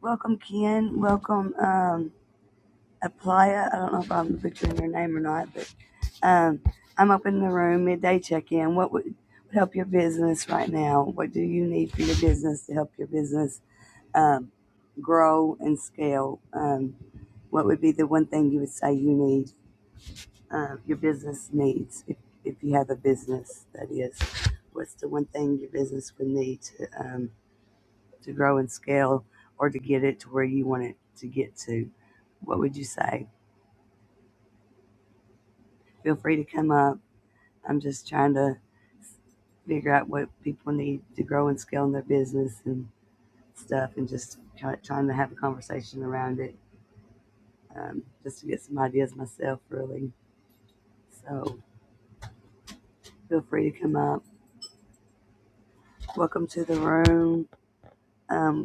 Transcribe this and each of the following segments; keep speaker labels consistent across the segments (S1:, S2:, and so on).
S1: Welcome, Kian. Welcome, um, Aplaya. I don't know if I'm butchering your name or not, but um, I'm up in the room midday check in. What would, would help your business right now? What do you need for your business to help your business um, grow and scale? Um, what would be the one thing you would say you need, uh, your business needs, if, if you have a business, that is? What's the one thing your business would need to? um, to grow and scale or to get it to where you want it to get to, what would you say? Feel free to come up. I'm just trying to figure out what people need to grow and scale in their business and stuff and just try, trying to have a conversation around it um, just to get some ideas myself, really. So feel free to come up. Welcome to the room. Um,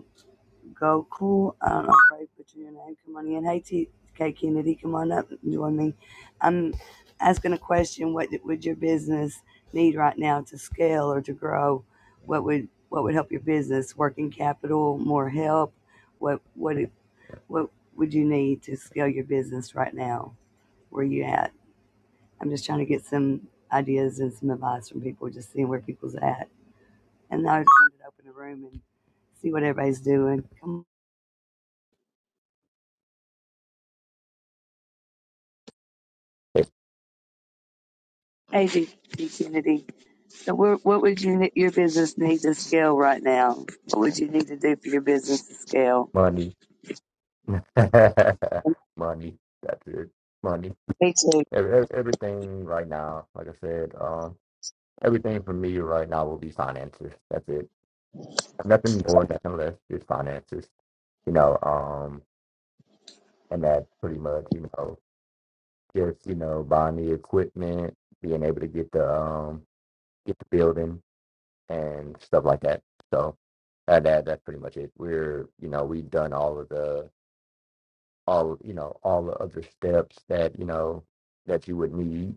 S1: Go, cool. I don't know if I butchered your name. Come on in. Hey, T. K. Kennedy, come on up and join me. I'm asking a question. What would your business need right now to scale or to grow? What would what would help your business? Working capital, more help. What what it- what would you need to scale your business right now? Where you at? I'm just trying to get some ideas and some advice from people, just seeing where people's at. And I just wanted to open the room and see what everybody's doing. Come.
S2: It's
S1: Hey, Kennedy. So, what, what would you ne- your business need to scale right now? What would you need to do for your business to scale?
S2: money. money. That's it. Money. Ev- ev- Everything right now, like I said, um, everything for me right now will be finances. That's it. Nothing more, nothing less, just finances. You know, um, and that pretty much, you know, just, you know, buying the equipment, being able to get the um get the building and stuff like that. So uh, that that's pretty much it. We're, you know, we've done all of the all you know all the other steps that you know that you would need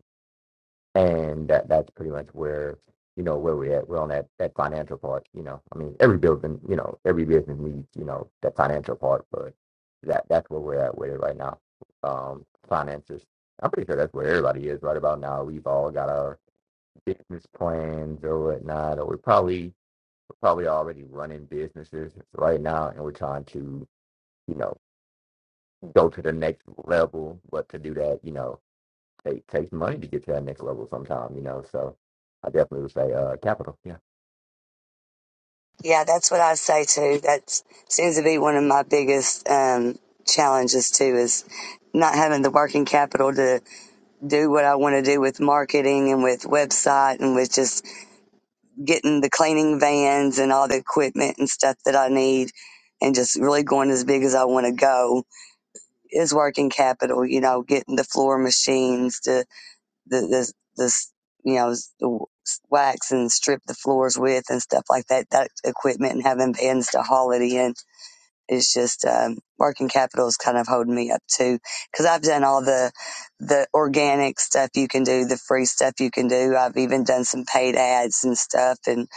S2: and that that's pretty much where you know where we're at we're on that that financial part you know i mean every building you know every business needs you know that financial part but that that's where we're at with it right now um finances i'm pretty sure that's where everybody is right about now we've all got our business plans or whatnot or we're probably we're probably already running businesses right now and we're trying to you know go to the next level. But to do that, you know, it takes money to get to that next level sometime, you know. So I definitely would say uh capital. Yeah.
S1: Yeah, that's what I say too. That seems to be one of my biggest um, challenges too is not having the working capital to do what I want to do with marketing and with website and with just getting the cleaning vans and all the equipment and stuff that I need and just really going as big as I want to go is working capital, you know, getting the floor machines the this this you know the wax and strip the floors with and stuff like that that equipment and having bands to haul it in is just um, working capital is kind of holding me up too because I've done all the the organic stuff you can do the free stuff you can do I've even done some paid ads and stuff and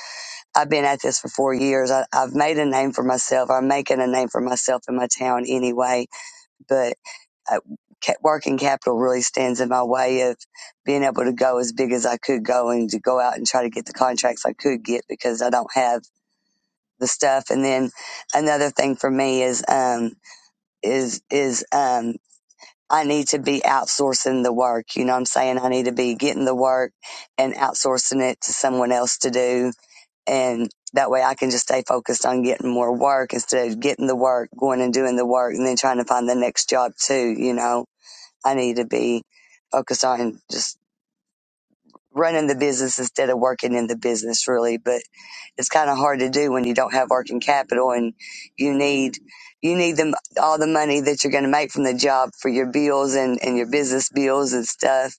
S1: I've been at this for four years I, I've made a name for myself I'm making a name for myself in my town anyway but uh, working capital really stands in my way of being able to go as big as I could go and to go out and try to get the contracts I could get because I don't have the stuff. And then another thing for me is, um, is, is, um, I need to be outsourcing the work. You know what I'm saying? I need to be getting the work and outsourcing it to someone else to do. And that way I can just stay focused on getting more work instead of getting the work, going and doing the work and then trying to find the next job too, you know? I need to be focused on just running the business instead of working in the business really. But it's kind of hard to do when you don't have working capital and you need, you need them all the money that you're going to make from the job for your bills and, and your business bills and stuff,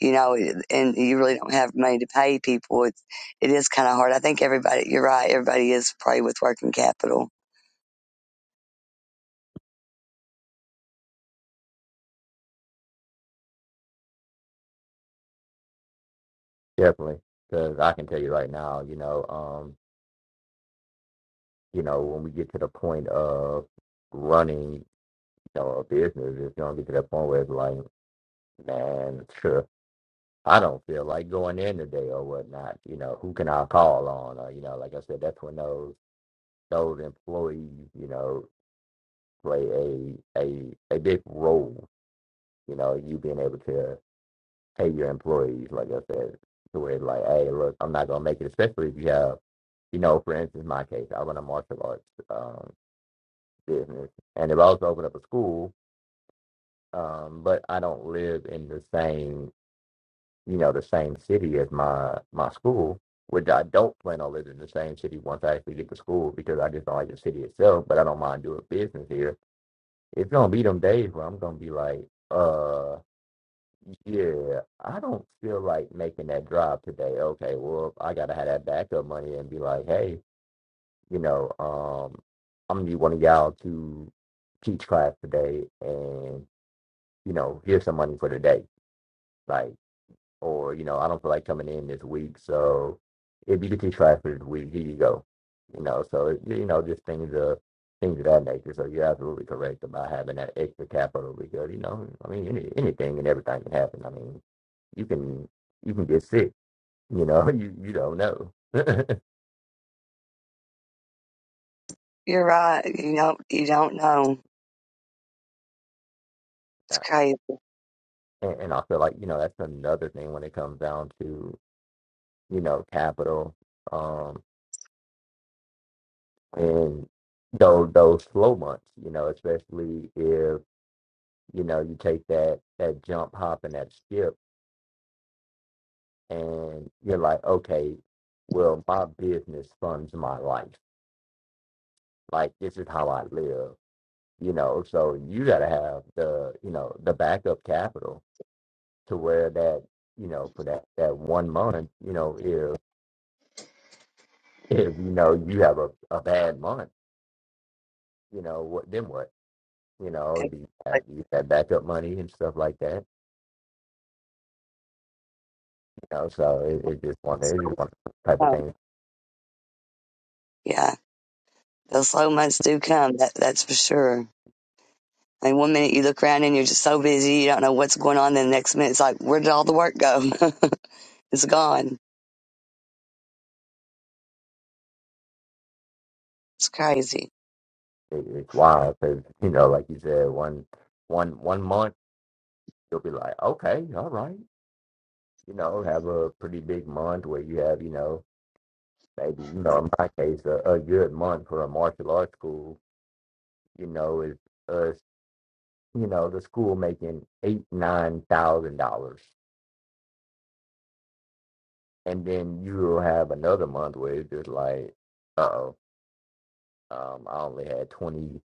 S1: you know, and you really don't have money to pay people. It's, it is kind of hard. I think everybody, you're right. Everybody is probably with working capital.
S2: Definitely. Because I can tell you right now, you know, um, you know, when we get to the point of running, you know, a business, it's gonna get to that point where it's like, man, sure. I don't feel like going in today or whatnot. You know, who can I call on? Or, you know, like I said, that's when those those employees, you know, play a a a big role You know, you being able to pay your employees, like I said, to where it's like, hey, look, I'm not gonna make it, especially if you have, you know, for instance, my case, I run a martial arts um, business, and if I was to open up a school, um, but I don't live in the same, you know, the same city as my my school, which I don't plan on living in the same city once I actually get to school because I just don't like the city itself, but I don't mind doing business here. It's gonna be them days where I'm gonna be like, uh. Yeah, I don't feel like making that drive today. Okay, well, I gotta have that backup money and be like, hey, you know, um, I'm gonna be one of y'all to teach class today, and you know, here's some money for the day. Like or you know, I don't feel like coming in this week. So if you could just try for the week, here you go. You know, so it- you know, just things of things of that nature. So you're absolutely correct about having that extra capital because you know, I mean, any, anything and everything can happen. I mean, you can you can get sick. You know, you you don't know. and,
S1: You're right. You don't, you don't know. It's crazy.
S2: and I feel like you know that's another thing when it comes down to you know capital um, and those those slow months. You know, especially if you know, you take that that jump, hop, and that skip, and you're like, okay, well, my business funds my life. Like this is how I live, you know. So you gotta have the, you know, the backup capital to where that, you know, for that that one month, you know, if if you know you have a, a bad month, you know, what then what? You know,
S1: And,
S2: do you
S1: like,
S2: have, do you have backup money and stuff like that? You know, so it, it just one, it's
S1: so,
S2: just one type of
S1: um,
S2: thing
S1: Yeah. the slow months do come. That that's for sure. I mean, one minute you look around and you're just so busy, you don't know what's going on. Then the next minute, it's like, where did all the work go? it's gone. It's crazy.
S2: It, it's wild because you know, like you said, one one one month you'll be like, okay, all right, you know, have a pretty big month where you have, you know, maybe you know, in my case, a, a good month for a martial arts school, you know, is us, you know, the school making eight nine thousand dollars, and then you'll have another month where it's just like, uh oh, um, I only had 20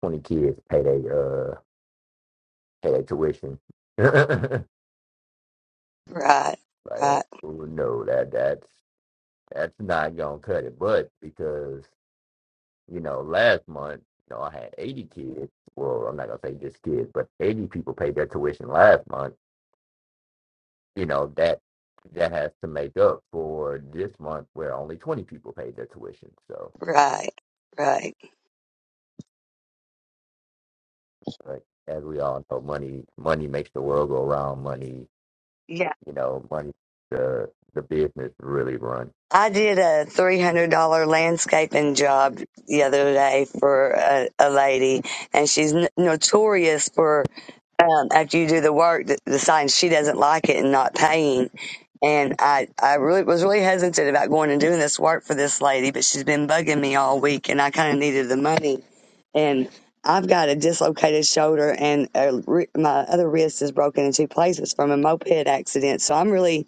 S2: 20 kids pay their uh pay their tuition. like,
S1: Right,
S2: oh
S1: right,
S2: no, that that's That's not gonna cut it, but because you know, last month, you know, I had eighty kids. Well, I'm not gonna say just kids, but eighty people paid their tuition last month. You know that that has to make up for this month where only twenty people paid their tuition. So,
S1: right, right.
S2: like as we all know, money money makes the world go around. Money,
S1: Yeah.
S2: you know, money the the business really run.
S1: I did a $300 landscaping job the other day for a, a lady, and she's n- notorious for um, after you do the work, the, the sign she doesn't like it and not paying. And I, I really was really hesitant about going and doing this work for this lady, but she's been bugging me all week, and I kind of needed the money. And I've got a dislocated shoulder, and a, re- my other wrist is broken in two places from a moped accident. So I'm really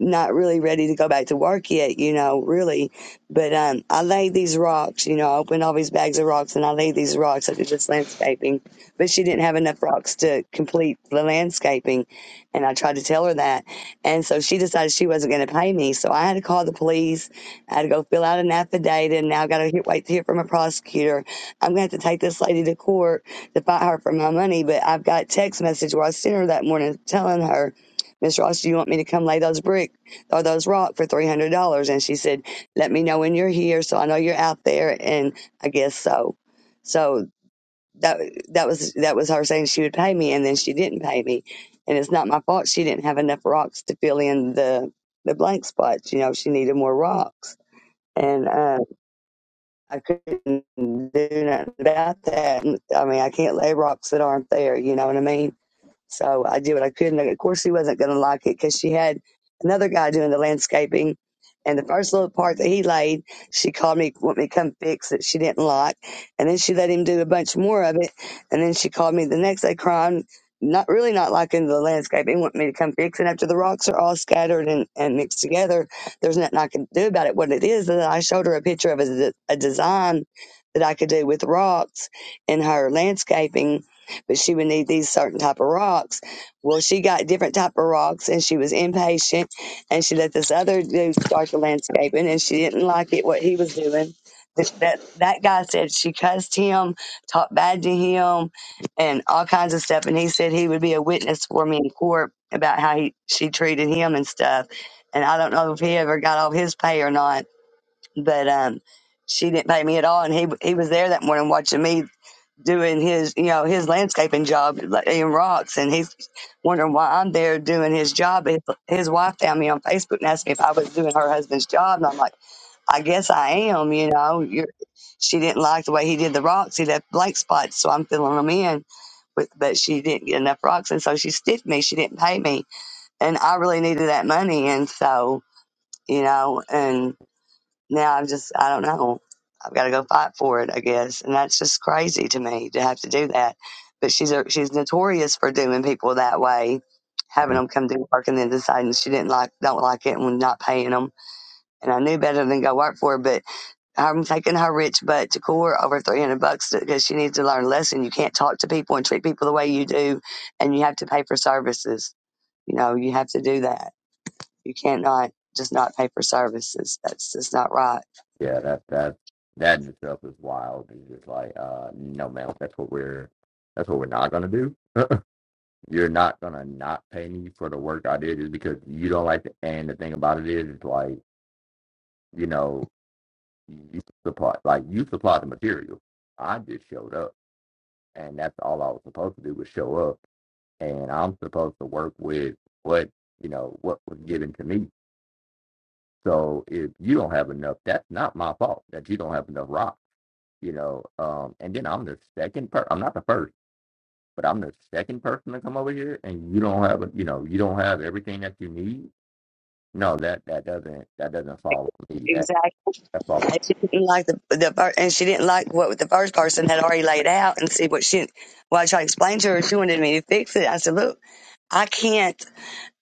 S1: not really ready to go back to work yet, you know, really. But um, I laid these rocks, you know, I opened all these bags of rocks and I laid these rocks. I did this landscaping, but she didn't have enough rocks to complete the landscaping. And I tried to tell her that. And so she decided she wasn't going to pay me. So I had to call the police. I had to go fill out an affidavit. And now I got to wait to hear from a prosecutor. I'm going to have to take this lady to court to fight her for my money. But I've got text message where I sent her that morning telling her Miss Ross, do you want me to come lay those brick or those rock for three hundred dollars? And she said, Let me know when you're here so I know you're out there and I guess so. So that that was that was her saying she would pay me and then she didn't pay me. And it's not my fault she didn't have enough rocks to fill in the the blank spots. You know, she needed more rocks. And uh, I couldn't do nothing about that. I mean, I can't lay rocks that aren't there. You know what I mean? So I did what I could. And of course, she wasn't going to like it because she had another guy doing the landscaping. And the first little part that he laid, she called me, want me to come fix it. She didn't like. And then she let him do a bunch more of it. And then she called me the next day crying, not really not liking the landscaping, want me to come fix it. After the rocks are all scattered and, and mixed together, there's nothing I can do about it. What it is, is I showed her a picture of a, de- a design that I could do with rocks in her landscaping but she would need these certain type of rocks. Well, she got different type of rocks, and she was impatient, and she let this other dude start the landscaping, and she didn't like it what he was doing. Th- That that guy said she cussed him, talked bad to him, and all kinds of stuff. And he said he would be a witness for me in court about how he she treated him and stuff. And I don't know if he ever got off his pay or not, but um, she didn't pay me at all. And he he was there that morning watching me doing his, you know, his landscaping job like, in rocks, and he's wondering why I'm there doing his job. His, his wife found me on Facebook and asked me if I was doing her husband's job, and I'm like, I guess I am. You know, You're, she didn't like the way he did the rocks. He left blank spots, so I'm filling them in. But, but she didn't get enough rocks, and so she stiffed me. She didn't pay me, and I really needed that money, and so you know, and now I'm just, I don't know. I've got to go fight for it, I guess. And that's just crazy to me to have to do that. But she's a, she's notorious for doing people that way, having
S2: Mhm.
S1: them come do work and then deciding she didn't like, don't like it and not paying them. And I knew better than go work for her, but I'm taking her rich butt to court over 300 bucks because she needs to learn a lesson. You can't talk to people and treat people the way you do, and you have to pay for services. You know, you have to do that. You can't not just not pay for services. That's just not right.
S2: Yeah, that that that in itself is wild. It's just like, uh, no man, that's what we're that's what we're not gonna do You're not gonna not pay me for the work I did just because you don't like it. And the thing about it is, it's like you know, you supply like you supply the material. I just showed up, and that's all I was supposed to do was show up, and I'm supposed to work with what you know what was given to me. So if you don't have enough, that's not my fault that you don't have enough rock. You know, um, and then I'm the second per. I'm not the first but I'm the second person to come over here and you don't have, you know, you don't have everything that you need No, that that doesn't that doesn't follow me. That
S1: Exactly.
S2: that follows.
S1: And she didn't like the, the fir- and she didn't like what the first person had already laid out and see what she. Well, I tried to explain to her. She wanted me to fix it. I said, "Look, I can't.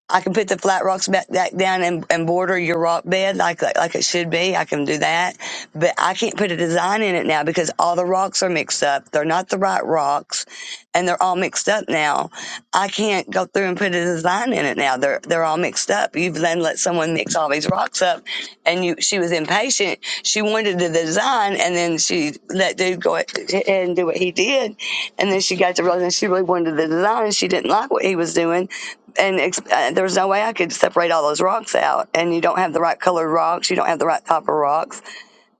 S1: I can put the flat rocks back, back down and, and border your rock bed like, like like it should be. I can do that, but I can't put a design in it now because all the rocks are mixed up. They're not the right rocks, and they're all mixed up now. I can't go through and put a design in it now. They're they're all mixed up. You've then let someone mix all these rocks up, and you she was impatient. She wanted the design, and then she let dude go ahead and do what he did, and then she got to realize she really wanted the design, and she didn't like what he was doing and ex- uh, there was no way I could separate all those rocks out. And you don't have the right colored rocks, you don't have the right type of rocks.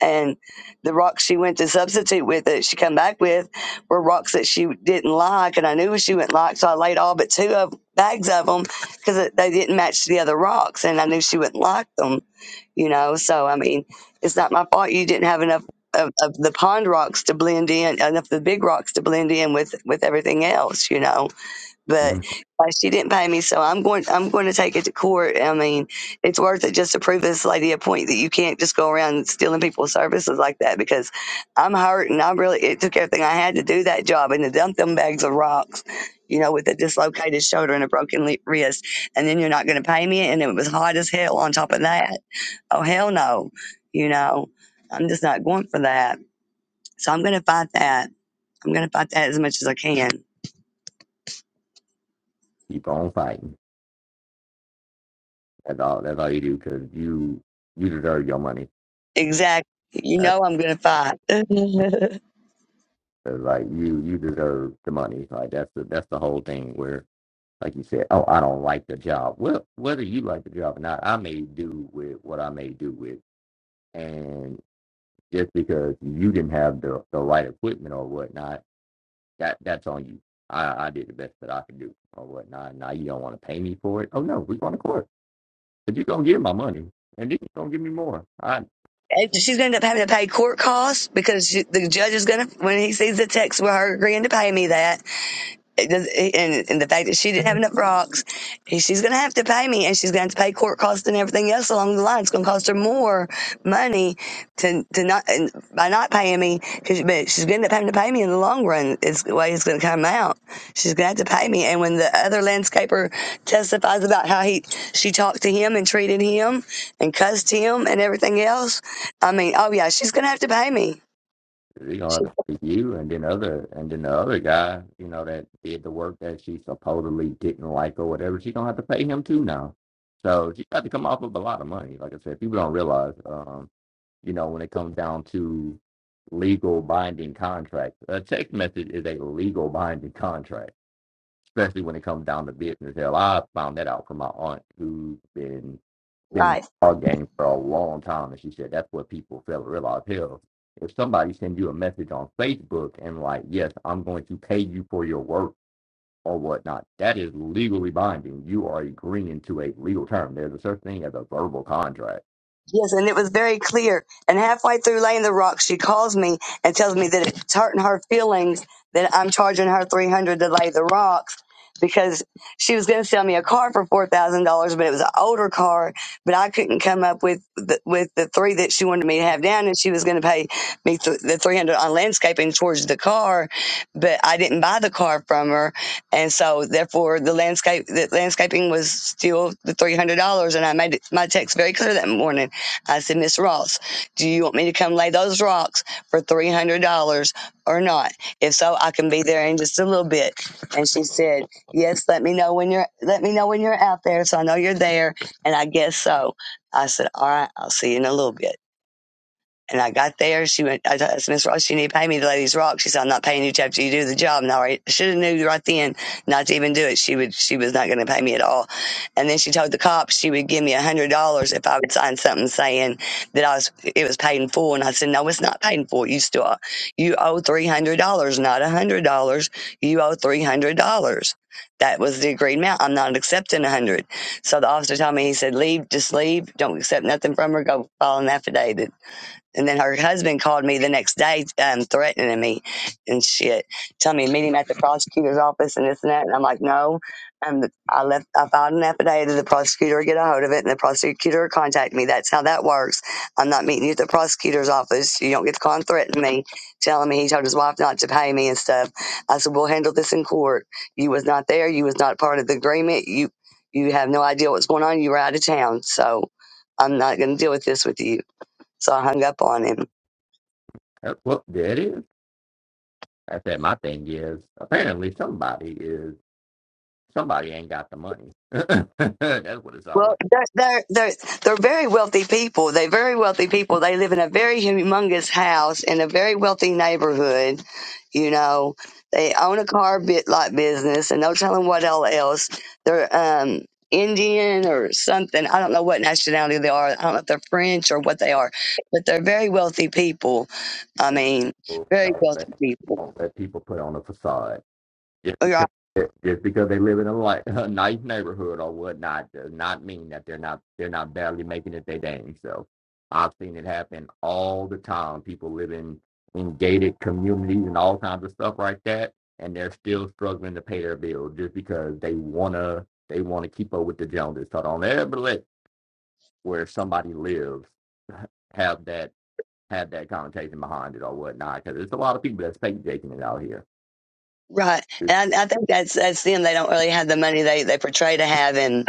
S1: And the rocks she went to substitute with that she come back with were rocks that she didn't like, and I knew she wouldn't like. So I laid all but two of bags of them because they didn't match the other rocks, and I knew she wouldn't like them. You know, so I mean, it's not my fault you didn't have enough. Of, of the pond rocks to blend in, enough of the big rocks to blend in with with everything else, you know but
S2: Mhm.
S1: uh, she didn't pay me, so I'm going. I'm going to take it to court. I mean, it's worth it just to prove this lady a point that you can't just go around stealing people's services like that. Because I'm hurt, and I really it took everything I had to do that job and to dump them bags of rocks, you know, with a dislocated shoulder and a broken le- wrist, and then you're not going to pay me, and it was hot as hell on top of that. Oh hell no, you know, I'm just not going for that. So I'm going to fight that. I'm going to fight that as much as I can.
S2: Keep on fighting. That's all. That's all you do because you you deserve your money.
S1: Exactly. You
S2: That's
S1: know I'm going to fight. and
S2: that's like you you deserve the money. Like that's the that's the whole thing. Where like you said, oh, I don't like the job. Well, whether you like the job or not, I may do with what I may do with. And just because you didn't have the the right equipment or whatnot, that that's on you. I I did the best that I could do or whatnot. Now you don't want to pay me for it. Oh no, we're going to court If you're gonna give my money, and then you're gonna give me more, I
S1: she's going to end up having to pay court costs because she, the judge is going to, when he sees the text, we're going to pay me that. It does- and, and the fact that she didn't have enough rocks, she's going to have to pay me, and she's going to have to pay court costs and everything else along the line. It's going to cost her more money to to not and by not paying me. 'cause- But she's going to end up having to pay me in the long run. Is the way it's going to come out. She's going to have to pay me. And when the other landscaper testifies about how he she talked to him and treated him and cussed him and everything else, I mean, oh yeah, she's going to have to pay me.
S2: you know have
S1: She,
S2: to speak to you, and then other, and then the other guy, you know, that did the work that she supposedly didn't like or whatever, she's gonna have to pay him too now. So she got to come off of a lot of money. Like I said, people don't realize, um, you know, when it comes down to legal binding contracts, a text message is a legal binding contract especially when it comes down to business. Hell, I found that out from my aunt who's been been
S1: right.
S2: in our game for a long time, and she said that's what people fail to realize. Hell, if somebody sends you a message on Facebook and like, yes, I'm going to pay you for your work or whatnot, that is legally binding. You are agreeing to a legal term. There's a certain thing as a verbal contract.
S1: Yes, and it was very clear. And halfway through laying the rock, she calls me and tells me that it's hurting her feelings that I'm charging her three hundred to lay the rocks because she was going to sell me a car for four thousand dollars, but it was an older car. But I couldn't come up with the, with the three that she wanted me to have down, and she was going to pay me th- the three hundred on landscaping towards the car. But I didn't buy the car from her, and so therefore the landscape the landscaping was still the three hundred dollars. And I made it, my text very clear that morning I said, Miss Ross, do you want me to come lay those rocks for $300 or not? If so, I can be there in just a little bit. And she said, yes, let me know when you're, let me know when you're out there. So I know you're there. And I guess so. I said, all right, I'll see you in a little bit. And I got there. She went, I asked Miss Ross, you need to pay me to lay these rocks. She said, I'm not paying you till you do the job. And I should have knew right then not to even do it. She would, she was not going to pay me at all. And then she told the cops she would give me a hundred dollars if I would sign something saying that I was, it was paid in full. And I said, no, it's not paid in full. You still, you owe $300, not a hundred dollars. You owe $300. That was the agreed amount. I'm not accepting a hundred. So the officer told me, he said, leave, just leave. Don't accept nothing from her. Go file an affidavit. And then her husband called me the next day, um, threatening me and shit, telling me to meet him at the prosecutor's office and this and that. And I'm like, no. Um, I left. I filed an affidavit. to The prosecutor get a hold of it, and the prosecutor contact me. That's how that works. I'm not meeting you at the prosecutor's office. You don't get to call and threaten me, telling me he told his wife not to pay me and stuff. I said, we'll handle this in court. You was not there. You was not part of the agreement. You you have no idea what's going on. You were out of town, so I'm not going to deal with this with you so I hung up on him.
S2: That's what that is. I said my thing is apparently somebody is somebody ain't got the money. that's what it's all like.
S1: Well, they're, they're, they're, they're very wealthy people. They're very wealthy people. They live in a very humongous house in a very wealthy neighborhood. You know, they own a car bit lot business and no telling what all else. They're, um, Indian or something. I don't know what nationality they are. I don't know if they're French or what they are, but they're very wealthy people. I
S2: let
S1: mean,
S2: people,
S1: very
S2: y'all say,
S1: wealthy people.
S2: don't let people put on a facade. Just
S1: Right.
S2: because, just because they live in a, li- a nice neighborhood or whatnot does not mean that they're not they're not barely making it their dang self. I've seen it happen all the time. People live in, in gated communities and all kinds of stuff like that, and they're still struggling to pay their bills just because they wanna they wanna keep up with the Joneses. So don't ever let where somebody lives have that have that connotation behind it or whatnot, because there's a lot of people that's fake jaking it out here.
S1: Right. And I, I think that's, that's them. They don't really have the money they, they portray to have. and.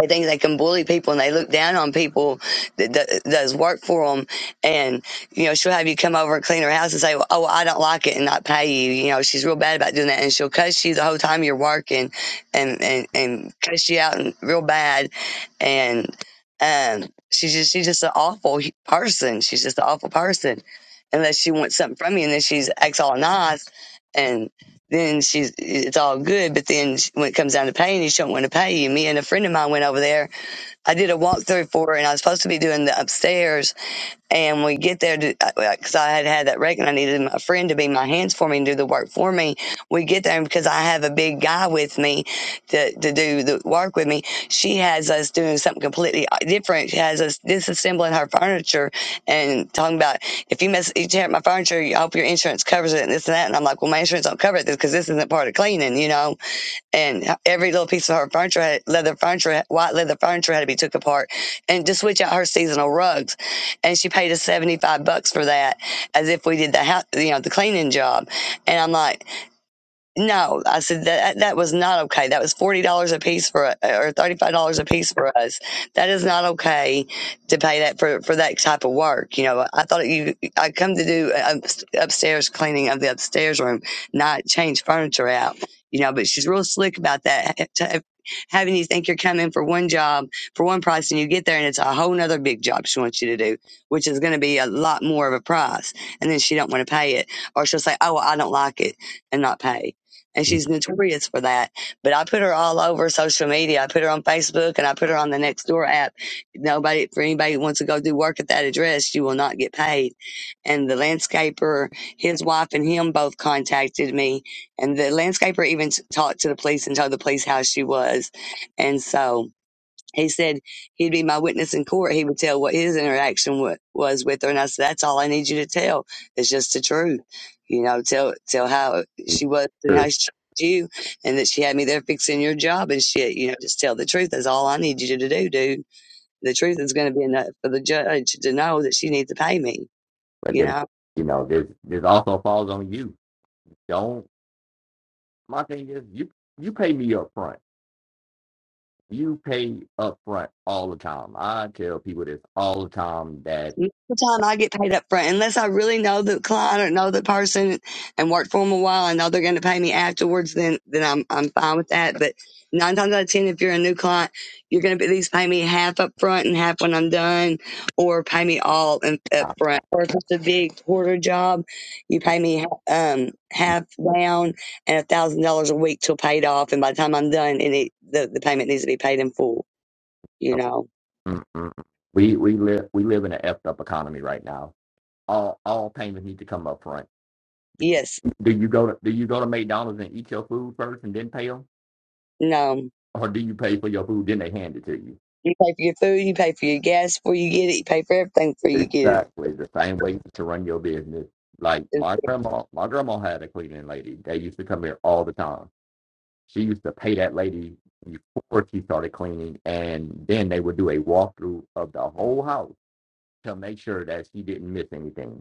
S1: They think they can bully people and they look down on people that, that does work for them. And, you know, she'll have you come over and clean her house and say, well, oh, I don't like it and not pay you. You know, she's real bad about doing that. And she'll cuss you the whole time you're working and, and, and cuss you out and real bad. And, um, she's just, she's just an awful person. She's just an awful person unless she wants something from you. And then she's acts all nice and then she's it's all good. But then when it comes down to paying you, she don't want to pay you. Me and a friend of mine went over there. I did a walkthrough for her, and I was supposed to be doing the upstairs, and we get there because I had had that wreck and I needed my friend to be my hands for me and do the work for me. We get there and because I have a big guy with me to, to do the work with me, she has us doing something completely uh, different. She has us disassembling her furniture and talking about, if you mess, you tear up my furniture, I hope your insurance covers it and this and that. And I'm like, well, my insurance don't cover it because this isn't part of cleaning, you know? and every little piece of her furniture, had, leather furniture, white leather furniture had to be took apart, and to switch out her seasonal rugs, and she paid us seventy five bucks for that, as if we did the house, you know, the cleaning job, and I'm like. No, I said that that was not okay. That was forty dollars a piece for or thirty five dollars a piece for us. That is not okay to pay that for for that type of work. You know, I thought you I come to do uh, up- upstairs cleaning of the upstairs room, not change furniture out. You know, but she's real slick about that. ha- Having you think you're coming for one job for one price, and you get there and it's a whole nother big job she wants you to do, which is going to be a lot more of a price, and then she don't want to pay it, or she'll say, "Oh, well, I don't like it," and not pay and she's notorious for that. But I put her all over social media. I put her on Facebook and I put her on the Nextdoor app. Nobody, for anybody who wants to go do work at that address, you will not get paid. And the landscaper, his wife and him both contacted me. And the landscaper even talked to the police and told the police how she was. And so, he said he'd be my witness in court. He would tell what his interaction wa was with her, and I said, "That's all I need you to tell. It's just the truth, you know. Tell tell how
S2: It's
S1: she was and how she treated you, and that she had me there fixing your job and shit. You know, just tell the truth. That's all I need you to do, dude. The truth is going to be enough for the judge to know that she needs to pay me.
S2: But
S1: You
S2: then,
S1: know."
S2: you know, this this also falls on you. Don't my thing is you you pay me up front. You pay up front all the time. I tell people this all the time that
S1: Most of the time I get paid up front unless I really know the client or know the person and work for them a while. I know they're going to pay me afterwards. Then, then I'm, I'm fine with that. But nine times out of 10, if you're a new client, you're going to at least pay me half up front and half when I'm done or pay me all in, up
S2: I.
S1: front. Or if it's a big quarter job, you pay me, um, half down and a thousand dollars a week till paid off. And by the time I'm done, and it, the, the payment needs to be paid in full, you know?
S2: Mm-mm. We we live we live in an effed up economy right now. All all payments need to come up front.
S1: Yes.
S2: Do you go to do you go to McDonald's and eat your food first and then pay them,
S1: No.
S2: or do you pay for your food then they hand it to you?
S1: You pay for your food, you pay for your gas before you get it, you pay for everything before you get it.
S2: Exactly the same way to run your business. Like
S1: And-
S2: my grandma, my grandma had a cleaning lady. They used to come here all the time. She used to pay that lady before she started cleaning, and then they would do a walkthrough of the whole house to make sure that she didn't miss anything.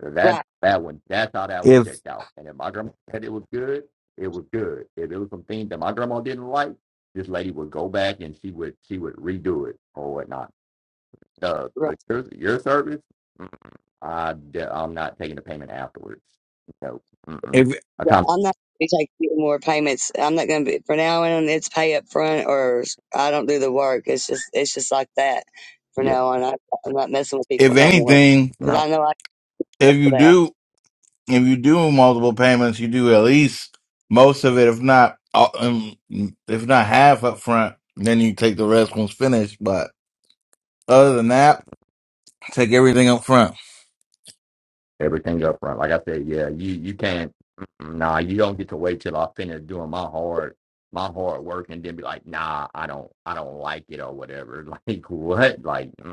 S2: That
S1: Right,
S2: that one, that's how that one
S3: If
S2: checked out. And if my grandma said it was good, it was good. If it was something that my grandma didn't like, this lady would go back and she would she would redo it or whatnot. Uh,
S1: right,
S2: your your service, mm, I I'm not taking the payment afterwards. No, mm-mm.
S3: if
S2: I
S1: right.
S2: can't.
S1: I'm not going to take any more payments. I'm not going to be, for now on, it's pay up front or I don't do the work. It's just, it's just like that for
S2: Yeah,
S1: now on. I, I'm not messing with people
S3: if
S1: no more
S3: anything,
S1: because
S2: no,
S1: I know I got
S3: if
S1: for
S3: you
S1: that.
S3: do if you do multiple payments, you do at least most of it, if not all- um, if not half up front. Then you take the rest once finished. But other than that, take everything up front.
S2: everything up front. Like I said, yeah, you you can't. Nah, you don't get to wait till I finish doing my hard my hard work and then be like, nah, I don't I don't like it or whatever. Like what? Like.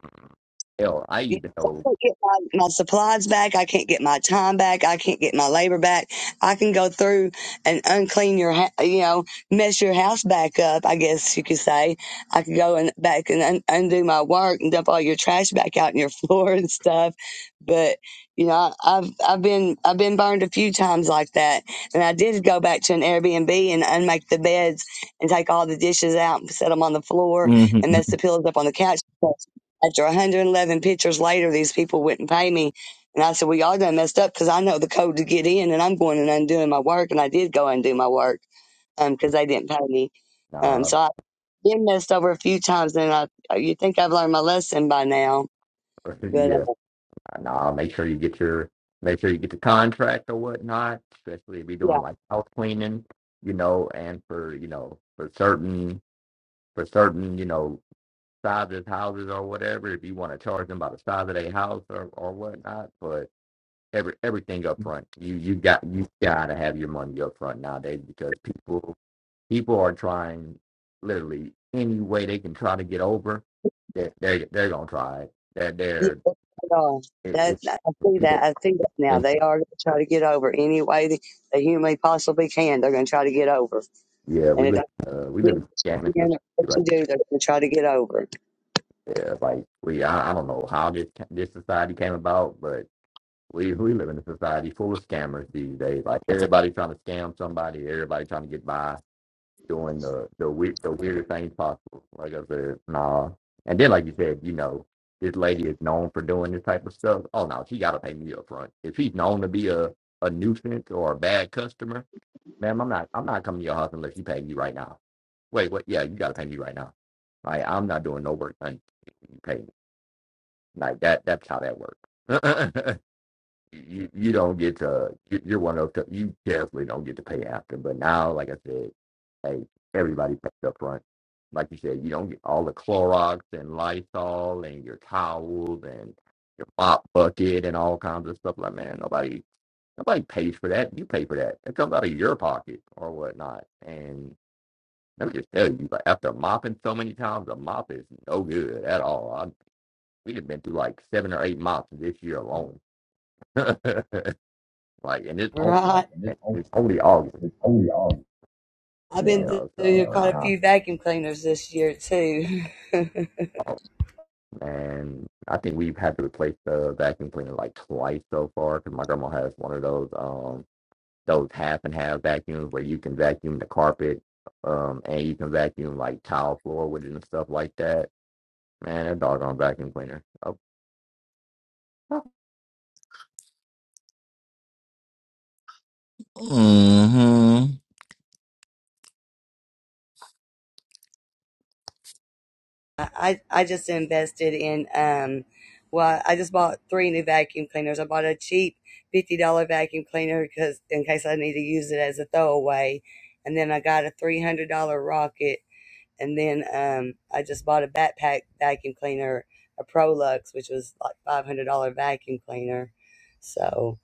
S2: Hell, I
S1: Yes,
S2: even
S1: I
S2: told
S1: can't get my, my supplies back. I can't get my time back. I can't get my labor back. I can go through and unclean your, ha- you know, mess your house back up. I guess you could say I could go and back and un- undo my work and dump all your trash back out in your floor and stuff. But you know, I- I've I've been I've been burned a few times like that, and I did go back to an Airbnb and unmake the beds and take all the dishes out and set them on the floor
S3: Mhm.
S1: and mess the pillows up on the couch. After 111 pictures later, these people wouldn't pay me. And I said, well, y'all done messed up because I know the code to get in and I'm going and undoing my work. And I did go and do my work because um,
S2: you,
S1: they didn't pay me. Um,
S2: nah,
S1: so I've been messed over a few times and I, uh, you think I've learned my lesson by now. But uh,
S2: yeah, nah. Make sure you get your, make sure you get the contract or whatnot. Especially if you're
S1: yeah,
S2: doing like house cleaning, you know, and for you know for certain for certain you know sizes houses or whatever. If you want to charge them by the size of their house or or whatnot, but every everything up front. You you got you gotta have your money up front nowadays because people people are trying literally any way they can try to get over. They they they're gonna try it. That
S1: yeah,
S2: they're,
S1: they are.
S2: they're
S1: That,
S2: it,
S1: I see
S2: it,
S1: that. I see that now.
S2: it-
S1: They are going to try to get over any way they, they humanly possibly can. They're going to try to get over.
S2: yeah.
S1: And
S2: We
S1: it
S2: live
S1: doesn't
S2: uh, we live in scamming
S1: matter what
S2: society
S1: you do, they're going to try to get over.
S2: Yeah, Like we I, I don't know how this this society came about, but we we live in a society full of scammers these days. Like everybody trying to scam somebody, everybody trying to get by doing the the weird the weirdest things possible. Like I said, nah. And then like you said, you know, this lady is known for doing this type of stuff. Oh no, she gotta pay me up front. If she's known to be a, a nuisance or a bad customer, ma'am, I'm not I'm not coming to your house unless you pay me right now. Wait, what yeah, you gotta pay me right now. Like I'm not doing no work until you pay me. Like that that's how that works. you you don't get to you- you're one of those that you definitely don't get to pay after. But now, like I said, hey, everybody pays up front. Like you said, you don't get all the Clorox and Lysol and your towels and your mop bucket and all kinds of stuff. Like man, nobody nobody pays for that. You pay for that. It comes out of your pocket or whatnot. And let me just tell you, like after mopping so many times, a mop is no good at all. I, we have been through like seven or eight mops this year alone. like, and it's only
S1: Right.
S2: and it's only August,
S1: I've
S2: you
S1: been through
S2: know. So
S1: quite
S2: nah,
S1: a few vacuum cleaners this year too.
S2: oh, man, I think we've had to replace the vacuum cleaner like twice so far because my grandma has one of those um those half and half vacuums where you can vacuum the carpet, um, and you can vacuum like tile floor with it and stuff like that. Man, that doggone vacuum cleaner. Oh,
S3: hmm
S1: I I just invested in um, well, I just bought three new vacuum cleaners. I bought a cheap fifty dollar vacuum cleaner because in case I need to use it as a throwaway, and then I got a three hundred dollar rocket, and then um, I just bought a backpack vacuum cleaner, a Prolux, which was like five hundred dollar vacuum cleaner. So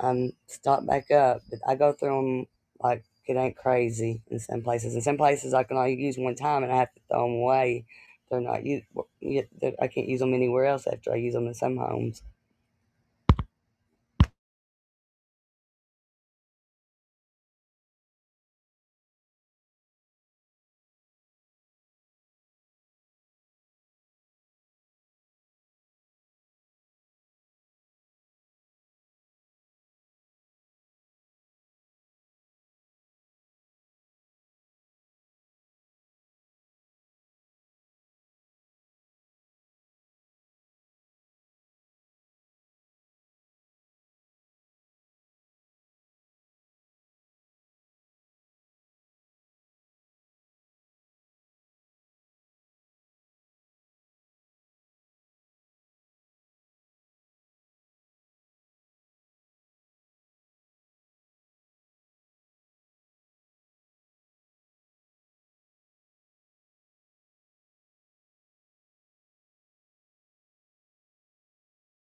S1: um, start back up. But I go through them like it ain't crazy in some places. In some places, I can only use one time and I have to throw them away. They're not u- w- y- I can't use them anywhere else after I use them in some homes.